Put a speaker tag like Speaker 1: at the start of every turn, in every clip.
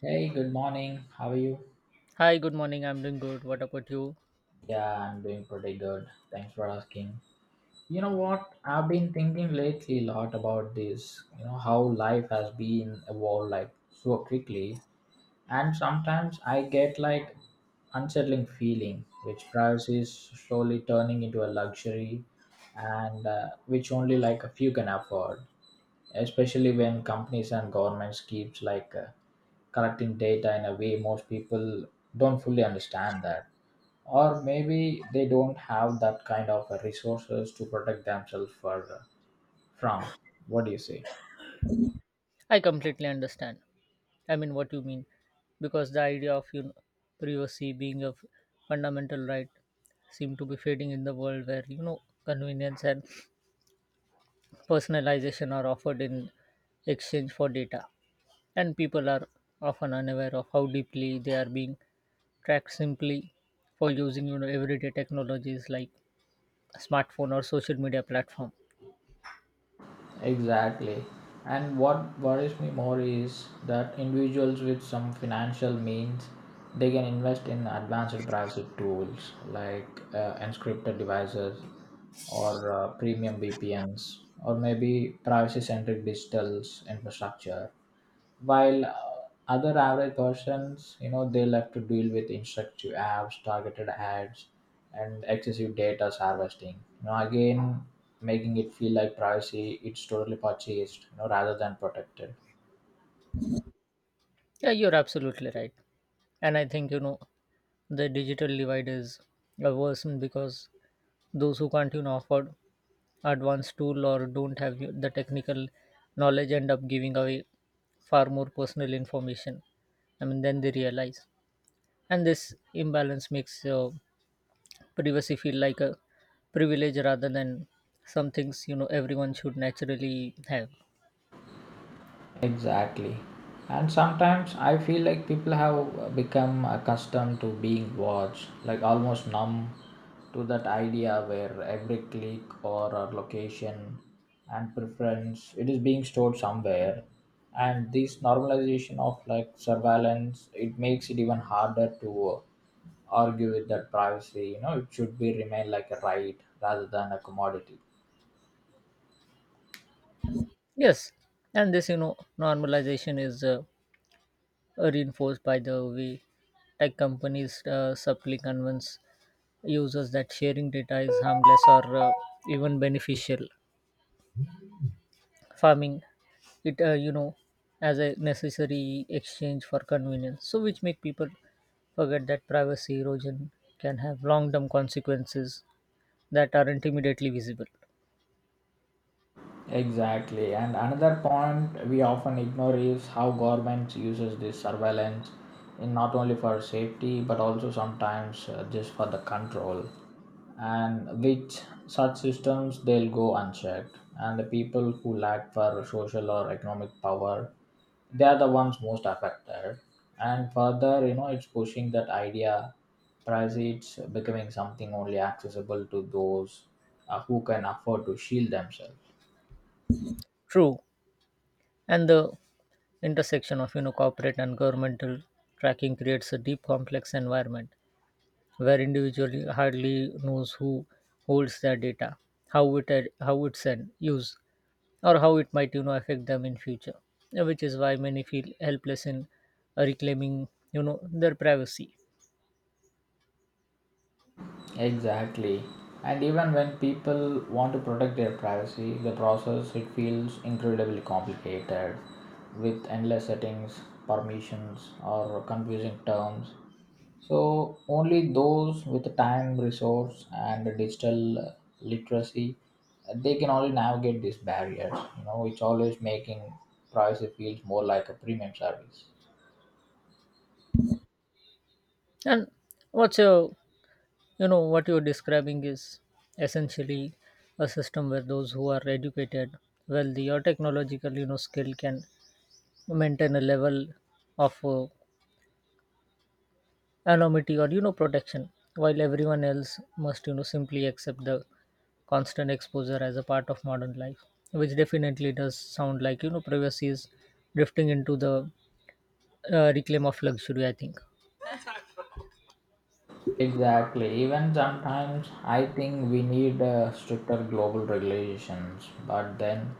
Speaker 1: Hey, good morning. How are you?
Speaker 2: Hi, good morning. I'm doing good. What about you?
Speaker 1: Yeah, I'm doing pretty good. Thanks for asking. You know what? I've been thinking lately a lot about this, how life has been evolved like so quickly. And sometimes I get like unsettling feeling, which price is slowly turning into a luxury and which only like a few can afford, especially when companies and governments keeps like collecting data in a way most people don't fully understand that or maybe they don't have that kind of resources to protect themselves for, from what do you say?
Speaker 2: I completely understand. What you mean. Because the idea of privacy being a fundamental right seem to be fading in the world where, convenience and personalization are offered in exchange for data. And people are often unaware of how deeply they are being tracked simply for using, everyday technologies like smartphone or social media platform.
Speaker 1: Exactly. And what worries me more is that individuals with some financial means they can invest in advanced privacy tools like encrypted devices or premium VPNs or maybe privacy centric digital infrastructure while other average persons they'll have to deal with instructive apps targeted ads and excessive data harvesting, again making it feel like privacy it's totally purchased, rather than protected.
Speaker 2: Yeah, you're absolutely right. And I think, the digital divide is a worsened because those who can't, afford advanced tool or don't have the technical knowledge end up giving away far more personal information. I mean, then they realize. And this imbalance makes privacy feel like a privilege rather than some things, everyone should naturally have.
Speaker 1: Exactly. And sometimes I feel like people have become accustomed to being watched, like almost numb to that idea where every click or a location and preference it is being stored somewhere. And this normalization of like surveillance, it makes it even harder to argue with that privacy. It should be remain like a right rather than a commodity.
Speaker 2: Yes. And this, normalization is reinforced by the way tech companies subtly convince users that sharing data is harmless or even beneficial farming it, as a necessary exchange for convenience, so which make people forget that privacy erosion can have long-term consequences that aren't immediately visible.
Speaker 1: Exactly. And another point we often ignore is how governments uses this surveillance in not only for safety but also sometimes just for the control. And which such systems they'll go unchecked. And the people who lack for social or economic power, they are the ones most affected. And further, it's pushing that idea price it's becoming something only accessible to those who can afford to shield themselves.
Speaker 2: True. And the intersection of corporate and governmental tracking creates a deep complex environment where individual hardly knows who holds their data, how it's an use, or how it might affect them in future. Which is why many feel helpless in reclaiming their privacy.
Speaker 1: Exactly. And even when people want to protect their privacy, the process it feels incredibly complicated with endless settings, permissions or confusing terms. So only those with the time, resource and the digital literacy they can only navigate these barriers. It's always making privacy feels more like a premium service.
Speaker 2: And what's your what you're describing is essentially a system where those who are educated, wealthy, or technologically skilled can maintain a level of anonymity or protection, while everyone else must simply accept the constant exposure as a part of modern life, which definitely does sound like privacy is drifting into the reclaim of luxury, I think.
Speaker 1: Exactly. Even sometimes I think we need stricter global regulations, but then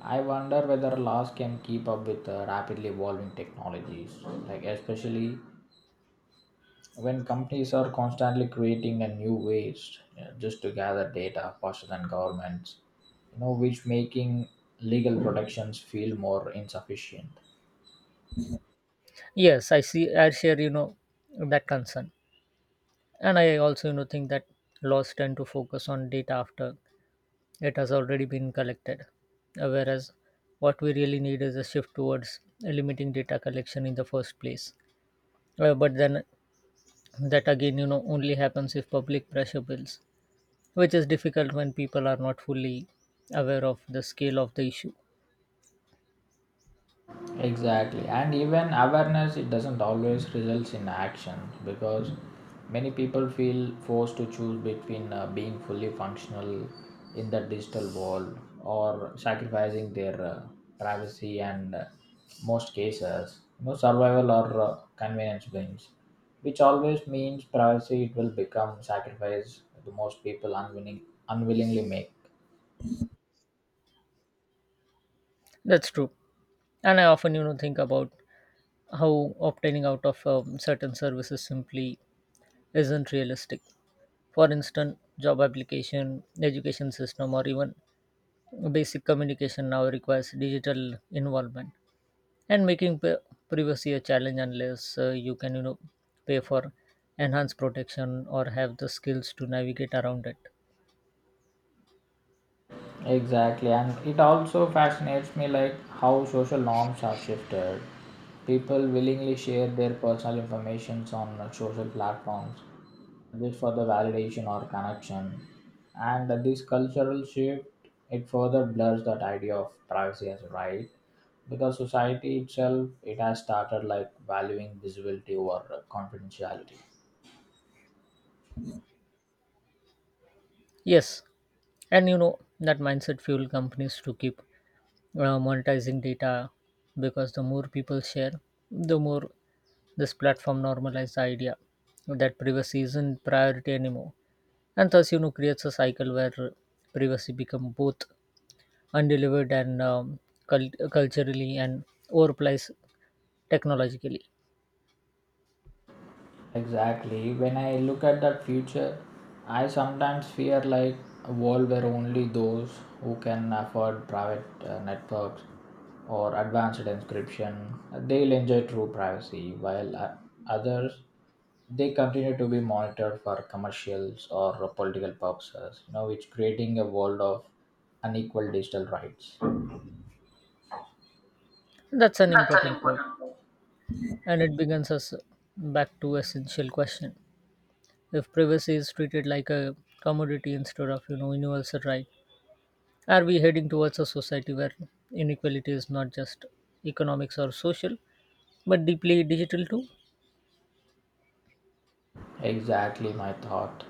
Speaker 1: I wonder whether laws can keep up with rapidly evolving technologies, like especially when companies are constantly creating a new ways just to gather data faster than governments, which making legal protections feel more insufficient.
Speaker 2: Yes, I see. I share that concern, and I also think that laws tend to focus on data after it has already been collected. Whereas what we really need is a shift towards limiting data collection in the first place. But then that again, only happens if public pressure builds, which is difficult when people are not fully aware of the scale of the issue.
Speaker 1: Exactly, and even awareness it doesn't always results in action because many people feel forced to choose between being fully functional in the digital world or sacrificing their privacy and most cases survival or convenience wins which always means privacy it will become sacrifice the most people unwilling unwillingly make.
Speaker 2: That's true. And I often think about how obtaining out of certain services simply isn't realistic. For instance, job application, education system, or even basic communication now requires digital involvement, and making privacy a challenge unless you can pay for enhanced protection or have the skills to navigate around it.
Speaker 1: Exactly, and it also fascinates me like how social norms are shifted. People willingly share their personal informations on social platforms just for the validation or connection. And this cultural shift it further blurs that idea of privacy as a right because society itself it has started like valuing visibility over confidentiality.
Speaker 2: Yes, and that mindset fuel companies to keep monetizing data, because the more people share, the more this platform normalizes the idea that privacy isn't priority anymore. And thus, creates a cycle where privacy become both undelivered and culturally and overpriced technologically.
Speaker 1: Exactly. When I look at that future, I sometimes fear like a world where only those who can afford private networks or advanced encryption they'll enjoy true privacy, while others they continue to be monitored for commercials or political purposes. It's creating a world of unequal digital rights.
Speaker 2: That's an
Speaker 1: That's an
Speaker 2: important point,
Speaker 1: important point.
Speaker 2: and it begins us back to essential question: if privacy is treated like a commodity instead of universal right, are we heading towards a society where inequality is not just economics or social, but deeply digital too?
Speaker 1: Exactly my thought.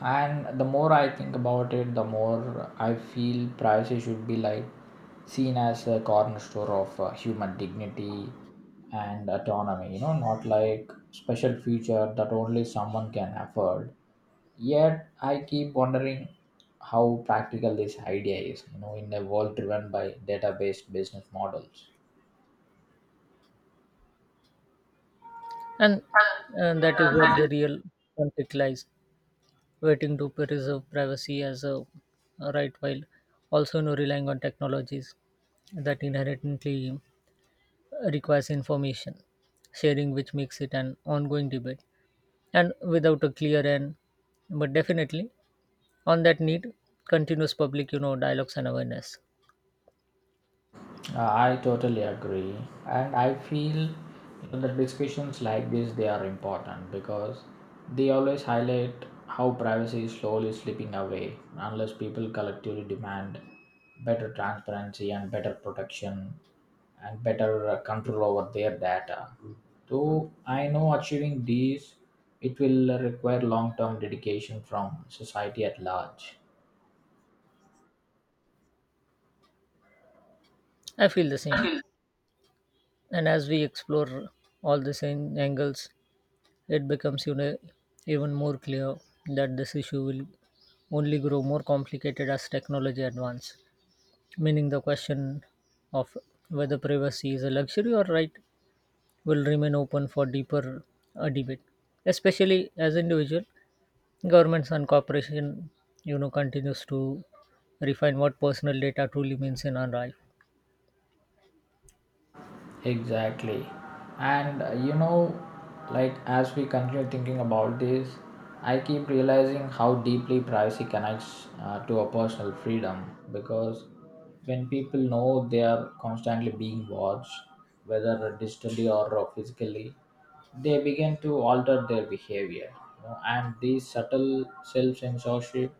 Speaker 1: And the more I think about it, the more I feel privacy should be like seen as a cornerstone of human dignity and autonomy, not like special feature that only someone can afford. Yet I keep wondering how practical this idea is, in a world driven by data-based business models.
Speaker 2: And and that is where the real conflict lies: waiting to preserve privacy as a right, while also relying on technologies that inherently requires information sharing, which makes it an ongoing debate. And without a clear end, but definitely on that need continuous public, dialogues and awareness.
Speaker 1: I totally agree, and I feel, that discussions like this they are important because they always highlight how privacy is slowly slipping away unless people collectively demand better transparency and better protection and better control over their data. Though I know achieving these it will require long-term dedication from society at large.
Speaker 2: I feel the same. And as we explore all the same angles, it becomes, even more clear that this issue will only grow more complicated as technology advances. Meaning the question of whether privacy is a luxury or right will remain open for deeper debate, especially as individual governments and corporation, continues to refine what personal data truly means in our life.
Speaker 1: Exactly. And like as we continue thinking about this, I keep realizing how deeply privacy connects to a personal freedom because when people know they are constantly being watched, whether digitally or physically, they begin to alter their behavior. And these subtle self censorship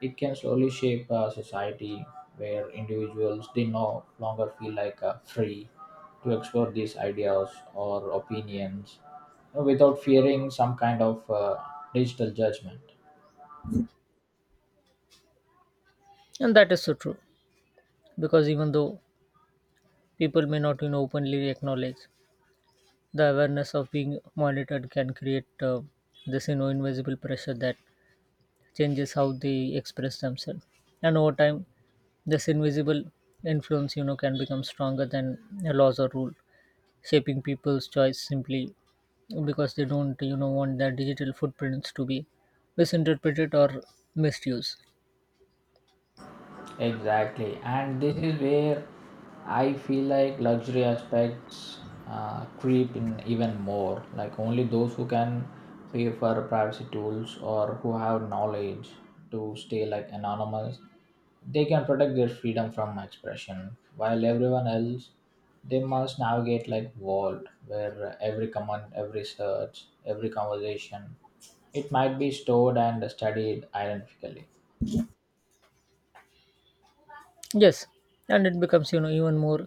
Speaker 1: it can slowly shape a society where individuals they no longer feel like free to explore these ideas or opinions, without fearing some kind of digital judgment.
Speaker 2: And that is so true, because even though people may not openly acknowledge, the awareness of being monitored can create this invisible pressure that changes how they express themselves. And over time, this invisible influence can become stronger than a laws or rule, shaping people's choice simply because they don't want their digital footprints to be misinterpreted or misused.
Speaker 1: Exactly, and this is where I feel like luxury aspects creep in even more. Like only those who can pay for privacy tools or who have knowledge to stay like anonymous, they can protect their freedom from expression. While everyone else, they must navigate like world where every comment, every search, every conversation, it might be stored and studied identically.
Speaker 2: Yes. And it becomes even more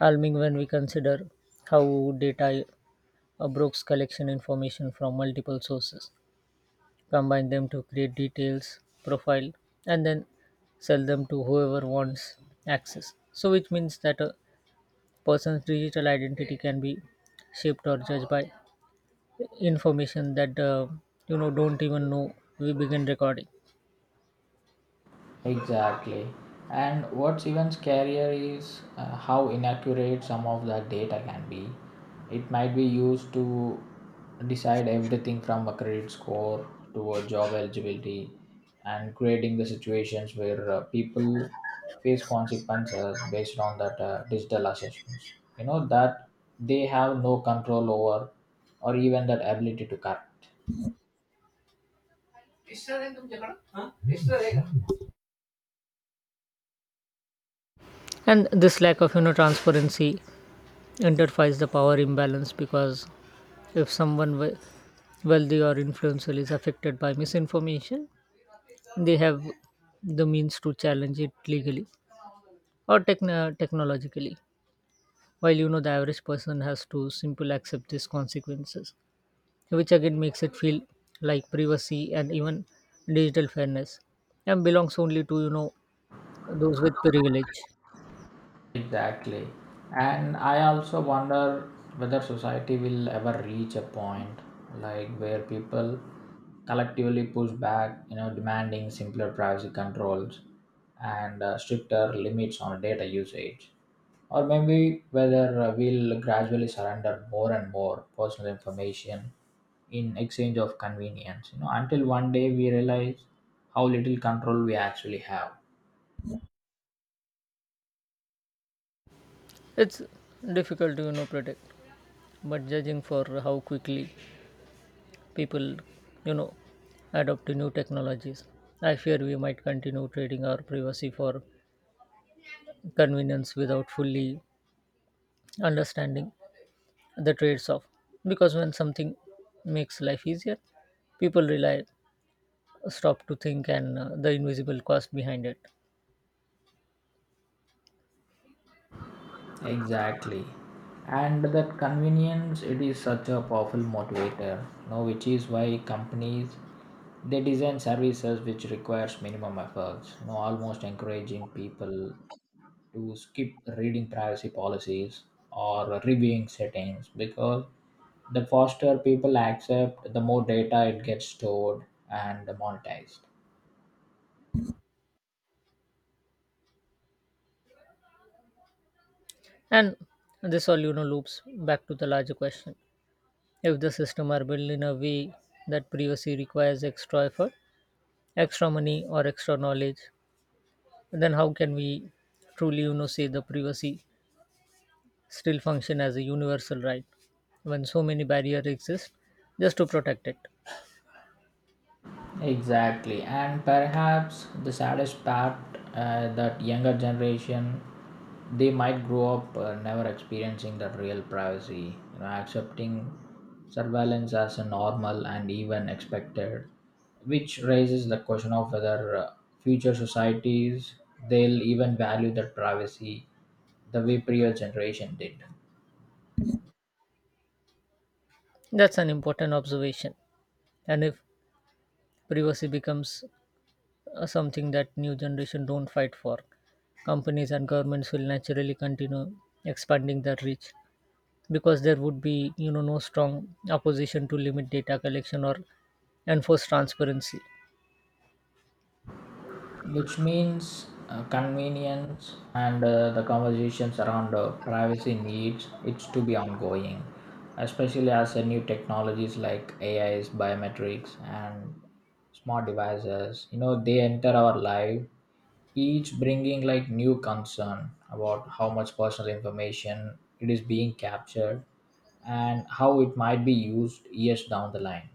Speaker 2: alarming when we consider how data brokes collection information from multiple sources, combine them to create details profile, and then sell them to whoever wants access. So which means that a person's digital identity can be shaped or judged by information that don't even know we begin recording.
Speaker 1: Exactly. And what's even scarier is how inaccurate some of that data can be. It might be used to decide everything from a credit score to a job eligibility and creating the situations where people face consequences based on that digital assessments. That they have no control over or even that ability to correct.
Speaker 2: And this lack of transparency identifies the power imbalance, because if someone wealthy or influential is affected by misinformation, they have the means to challenge it legally or technologically, while the average person has to simply accept these consequences, which again makes it feel like privacy and even digital fairness and belongs only to those with privilege.
Speaker 1: Exactly. And I also wonder whether society will ever reach a point like where people collectively push back, demanding simpler privacy controls and stricter limits on data usage. Or maybe whether we'll gradually surrender more and more personal information in exchange of convenience, until one day we realize how little control we actually have.
Speaker 2: It's difficult to predict, but judging for how quickly people you know adopt to new technologies, I fear we might continue trading our privacy for convenience without fully understanding the trades off, because when something makes life easier, people rely stop to think and the invisible cost behind it.
Speaker 1: Exactly. And that convenience it is such a powerful motivator, which is why companies they design services which requires minimum efforts, almost encouraging people to skip reading privacy policies or reviewing settings because the faster people accept, the more data it gets stored and monetized.
Speaker 2: And this all, loops back to the larger question. If the system are built in a way that privacy requires extra effort, extra money or extra knowledge, then how can we truly, say the privacy still function as a universal right when so many barriers exist just to protect it?
Speaker 1: Exactly, and perhaps the saddest part that younger generation they might grow up never experiencing that real privacy, accepting surveillance as a normal and even expected, which raises the question of whether future societies they'll even value that privacy the way prior generation did.
Speaker 2: That's an important observation. And if privacy becomes something that new generation don't fight for, companies and governments will naturally continue expanding their reach, because there would be no strong opposition to limit data collection or enforce transparency.
Speaker 1: Which means convenience and the conversations around privacy needs it's to be ongoing, especially as new technologies like AIs biometrics and smart devices they enter our life, each bringing like new concern about how much personal information it is being captured and how it might be used years down the line.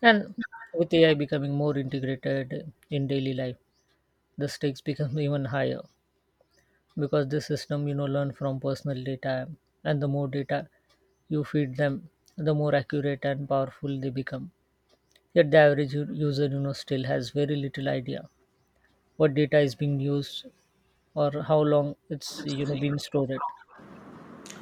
Speaker 2: And with AI becoming more integrated in daily life, the stakes become even higher, because this system learn from personal data, and the more data you feed them, the more accurate and powerful they become. Yet the average user still has very little idea what data is being used or how long it's being stored.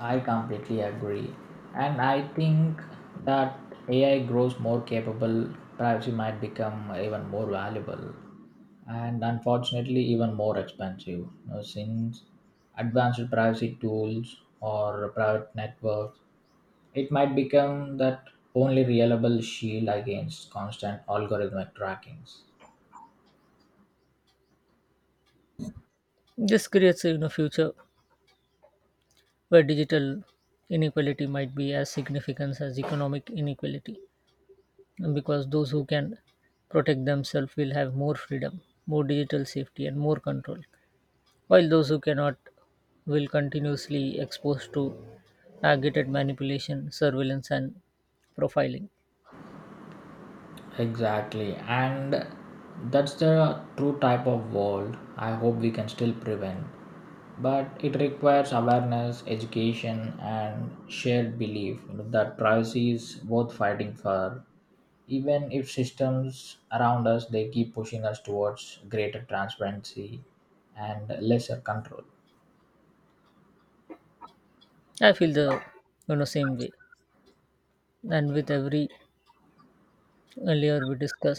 Speaker 1: I completely agree. And I think that AI grows more capable, privacy might become even more valuable and unfortunately even more expensive. Since advanced privacy tools or private networks, it might become that only reliable shield against constant algorithmic trackings.
Speaker 2: This creates a future where digital inequality might be as significant as economic inequality, because those who can protect themselves will have more freedom, more digital safety, and more control, while those who cannot will continuously exposed to targeted manipulation, surveillance, and profiling.
Speaker 1: Exactly, and that's the true type of world I hope we can still prevent. But it requires awareness, education, and shared belief, that privacy is worth fighting for. Even if systems around us they keep pushing us towards greater transparency and lesser control.
Speaker 2: I feel the same way, and with every layer we discuss,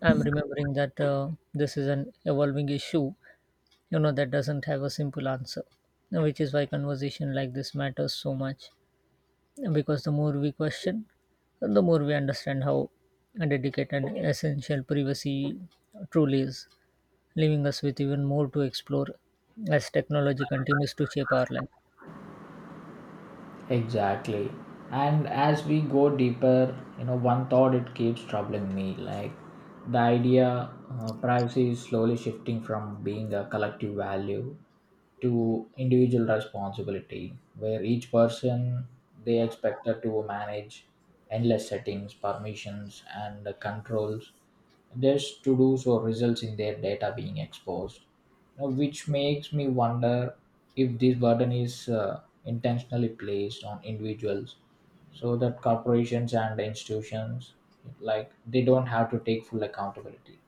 Speaker 2: I'm remembering that this is an evolving issue that doesn't have a simple answer, which is why conversation like this matters so much, because the more we question, the more we understand how delicate and essential privacy truly is, leaving us with even more to explore as technology continues to shape our life.
Speaker 1: Exactly. And as we go deeper, one thought it keeps troubling me like the idea privacy is slowly shifting from being a collective value to individual responsibility, where each person they expected to manage endless settings, permissions, and controls just to do so results in their data being exposed. Now, which makes me wonder if this burden is. Intentionally placed on individuals so that corporations and institutions like they don't have to take full accountability.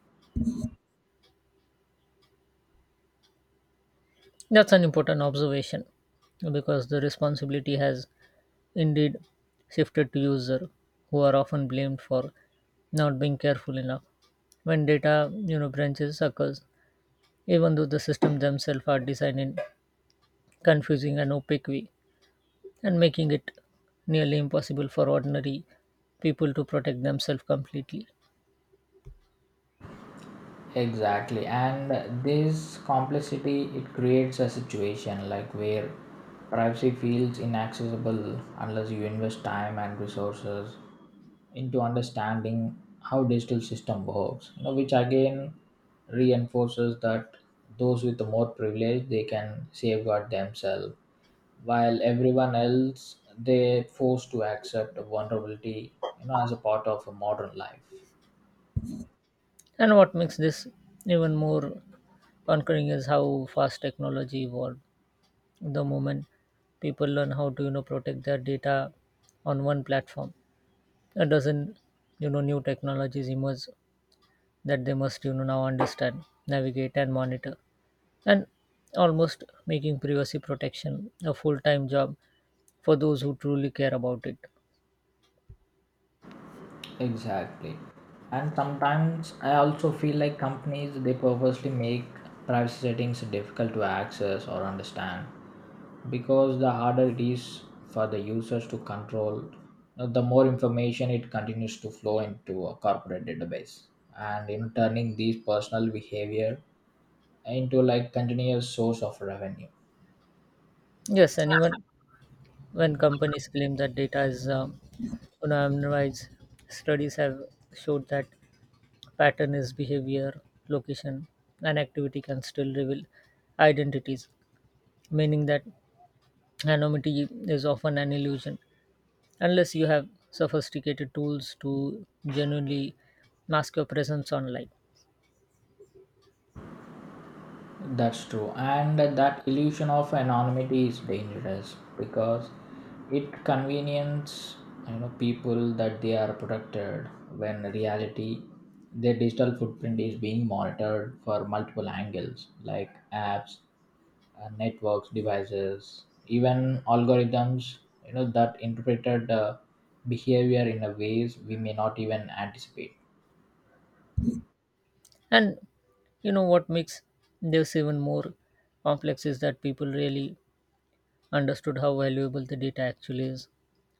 Speaker 2: That's an important observation, because the responsibility has indeed shifted to users who are often blamed for not being careful enough when data branches occurs, even though the systems themselves are designed in confusing and opaque way, and making it nearly impossible for ordinary people to protect themselves completely.
Speaker 1: Exactly, and this complexity it creates a situation like where privacy feels inaccessible unless you invest time and resources into understanding how digital system works. Which again reinforces that those with the more privilege they can safeguard themselves, while everyone else they're forced to accept vulnerability. As a part of a modern life.
Speaker 2: And what makes this even more conquering is how fast technology evolved. The moment people learn how to protect their data on one platform, a dozen, new technologies emerge that they must now understand, navigate, and monitor, and almost making privacy protection a full-time job for those who truly care about it.
Speaker 1: Exactly. And sometimes I also feel like companies they purposely make privacy settings difficult to access or understand because the harder it is for the users to control, the more information it continues to flow into a corporate database and turning these personal behavior into like continuous source of revenue.
Speaker 2: Yes, and even when companies claim that data is anonymized, studies have showed that pattern is behavior, location, and activity can still reveal identities, meaning that anonymity is often an illusion unless you have sophisticated tools to genuinely mask your presence online.
Speaker 1: That's true. And that illusion of anonymity is dangerous because it convenience people that they are protected when in reality their digital footprint is being monitored for multiple angles like apps, networks, devices, even algorithms that interpreted behavior in a ways we may not even anticipate.
Speaker 2: And what makes this even more complex is that people really understood how valuable the data actually is,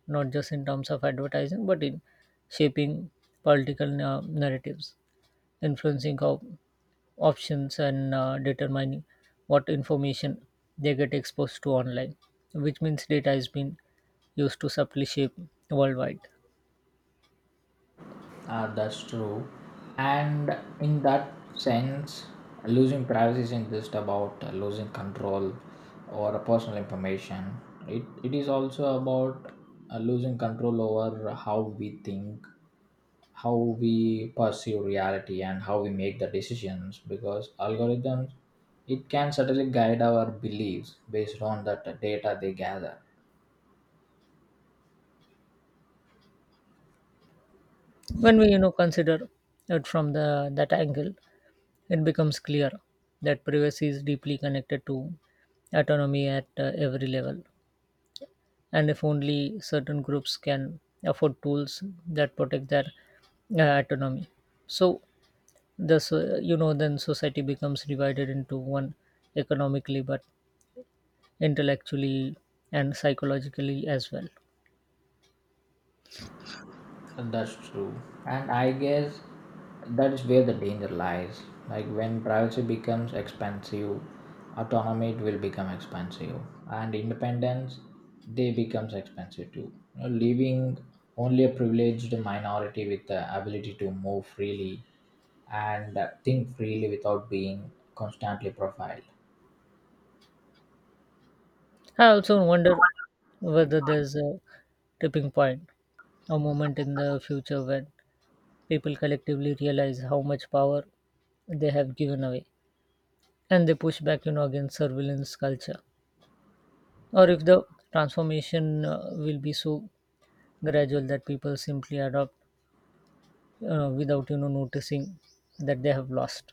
Speaker 2: not just in terms of advertising, but in shaping political narratives, influencing how options, and determining what information they get exposed to online, which means data is being used to subtly shape worldwide.
Speaker 1: That's true. And in that sense, losing privacy isn't just about losing control or personal information. It is also about losing control over how we think, how we perceive reality, and how we make the decisions. Because algorithms, it can certainly guide our beliefs based on that data they gather.
Speaker 2: When we consider it from the that angle, it becomes clear that privacy is deeply connected to autonomy at every level. And if only certain groups can afford tools that protect their autonomy, so this then society becomes divided into one economically but intellectually and psychologically as well.
Speaker 1: And that's true. And I guess that's where the danger lies. Like when privacy becomes expensive, autonomy will become expensive, and independence they becomes expensive too. Leaving only a privileged minority with the ability to move freely and think freely without being constantly profiled.
Speaker 2: I also wonder whether there's a tipping point, a moment in the future when people collectively realize how much power they have given away and they push back against surveillance culture, or if the transformation will be so gradual that people simply adopt without noticing that they have lost.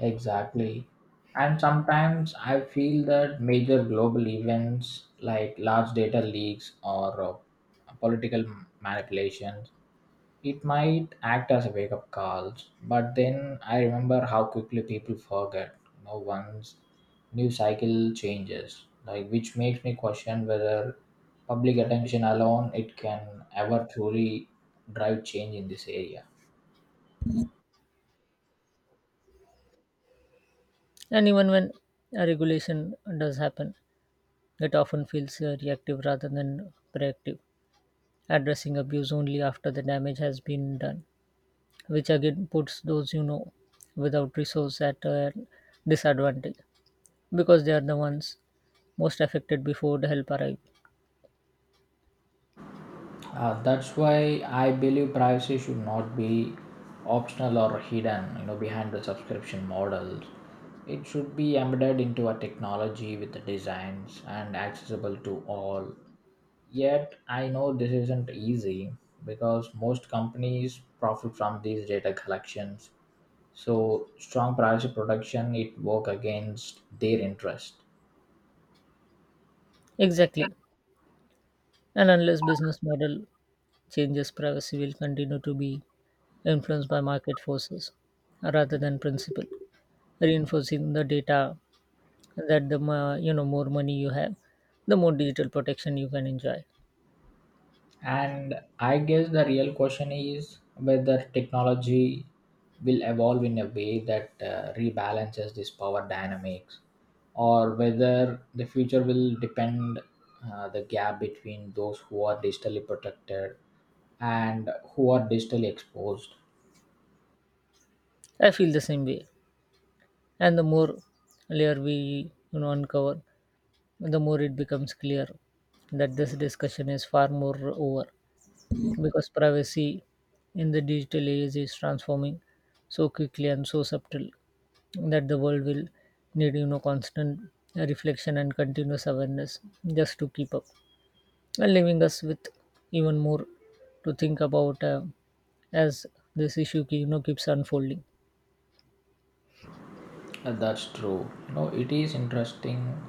Speaker 1: Exactly. And sometimes I feel that major global events like large data leaks or political manipulations, it might act as a wake up calls. But then I remember how quickly people forget. Once news cycle changes, like which makes me question whether public attention alone it can ever truly drive change in this area.
Speaker 2: And even when a regulation does happen, it often feels reactive rather than proactive, addressing abuse only after the damage has been done, which again puts those without resource at a disadvantage, because they are the ones most affected before the help arrives.
Speaker 1: That's why I believe privacy should not be optional or hidden, behind the subscription models. It should be embedded into a technology with the designs and accessible to all. Yet I know this isn't easy because most companies profit from these data collections. So strong privacy protection it work against their interest.
Speaker 2: Exactly. And unless business model changes, privacy will continue to be influenced by market forces rather than principle, reinforcing the data that the more money you have, the more digital protection you can enjoy.
Speaker 1: And I guess the real question is whether technology will evolve in a way that rebalances this power dynamics or whether the future will depend the gap between those who are digitally protected and who are digitally exposed.
Speaker 2: I feel the same way, and the more layer we uncover, the more it becomes clear that this discussion is far more over, because privacy in the digital age is transforming so quickly and so subtle that the world will need constant reflection and continuous awareness just to keep up, and leaving us with even more to think about as this issue keeps unfolding.
Speaker 1: That's true. It is interesting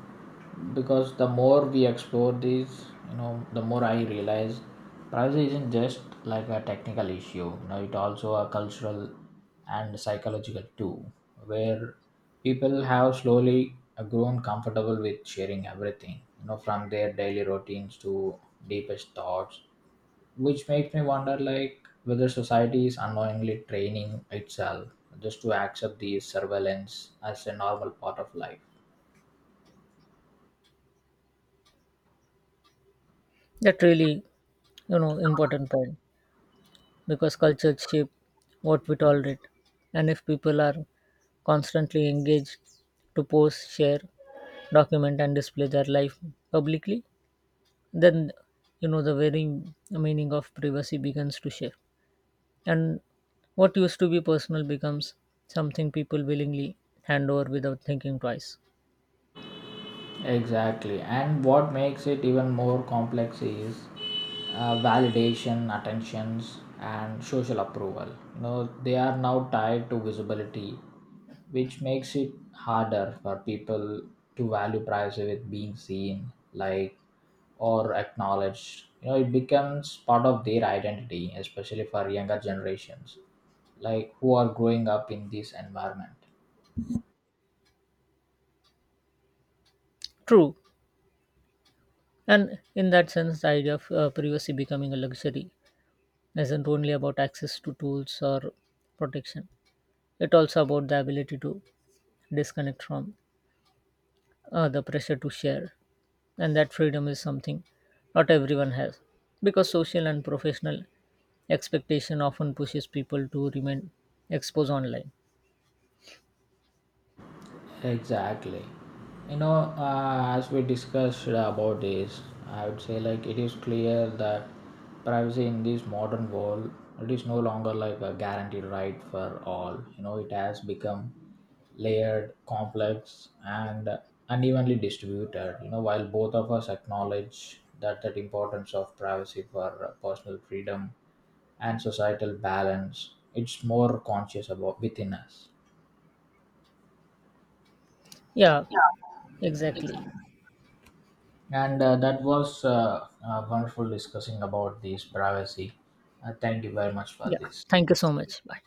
Speaker 1: because the more we explore these, the more I realize privacy isn't just like a technical issue. It also a cultural and psychological too, where people have slowly grown comfortable with sharing everything. From their daily routines to deepest thoughts which makes me wonder like whether society is unknowingly training itself just to accept these surveillance as a normal part of life.
Speaker 2: That really important point, because culture shape what we tolerate, and if people are constantly engaged to post share document and display their life publicly, then the very meaning of privacy begins to shift. And what used to be personal becomes something people willingly hand over without thinking twice.
Speaker 1: Exactly, and what makes it even more complex is validation attentions and social approval they are now tied to visibility which makes it harder for people to value privacy with being seen like or acknowledged it becomes part of their identity especially for younger generations like who are growing up in this environment.
Speaker 2: True. And in that sense, the idea of privacy becoming a luxury isn't only about access to tools or protection. It also about the ability to disconnect from the pressure to share. And that freedom is something not everyone has, because social and professional expectation often pushes people to remain exposed online.
Speaker 1: Exactly. As we discussed about this, I would say like it is clear that privacy in this modern world it is no longer like a guaranteed right for all. It has become layered, complex, and unevenly distributed. While both of us acknowledge that that importance of privacy for personal freedom and societal balance, it's more conscious about within us.
Speaker 2: Yeah,
Speaker 1: Yeah,
Speaker 2: exactly.
Speaker 1: and that was wonderful discussing about this privacy. Thank you very much for
Speaker 2: Yeah.
Speaker 1: this.
Speaker 2: Thank you so much. Bye.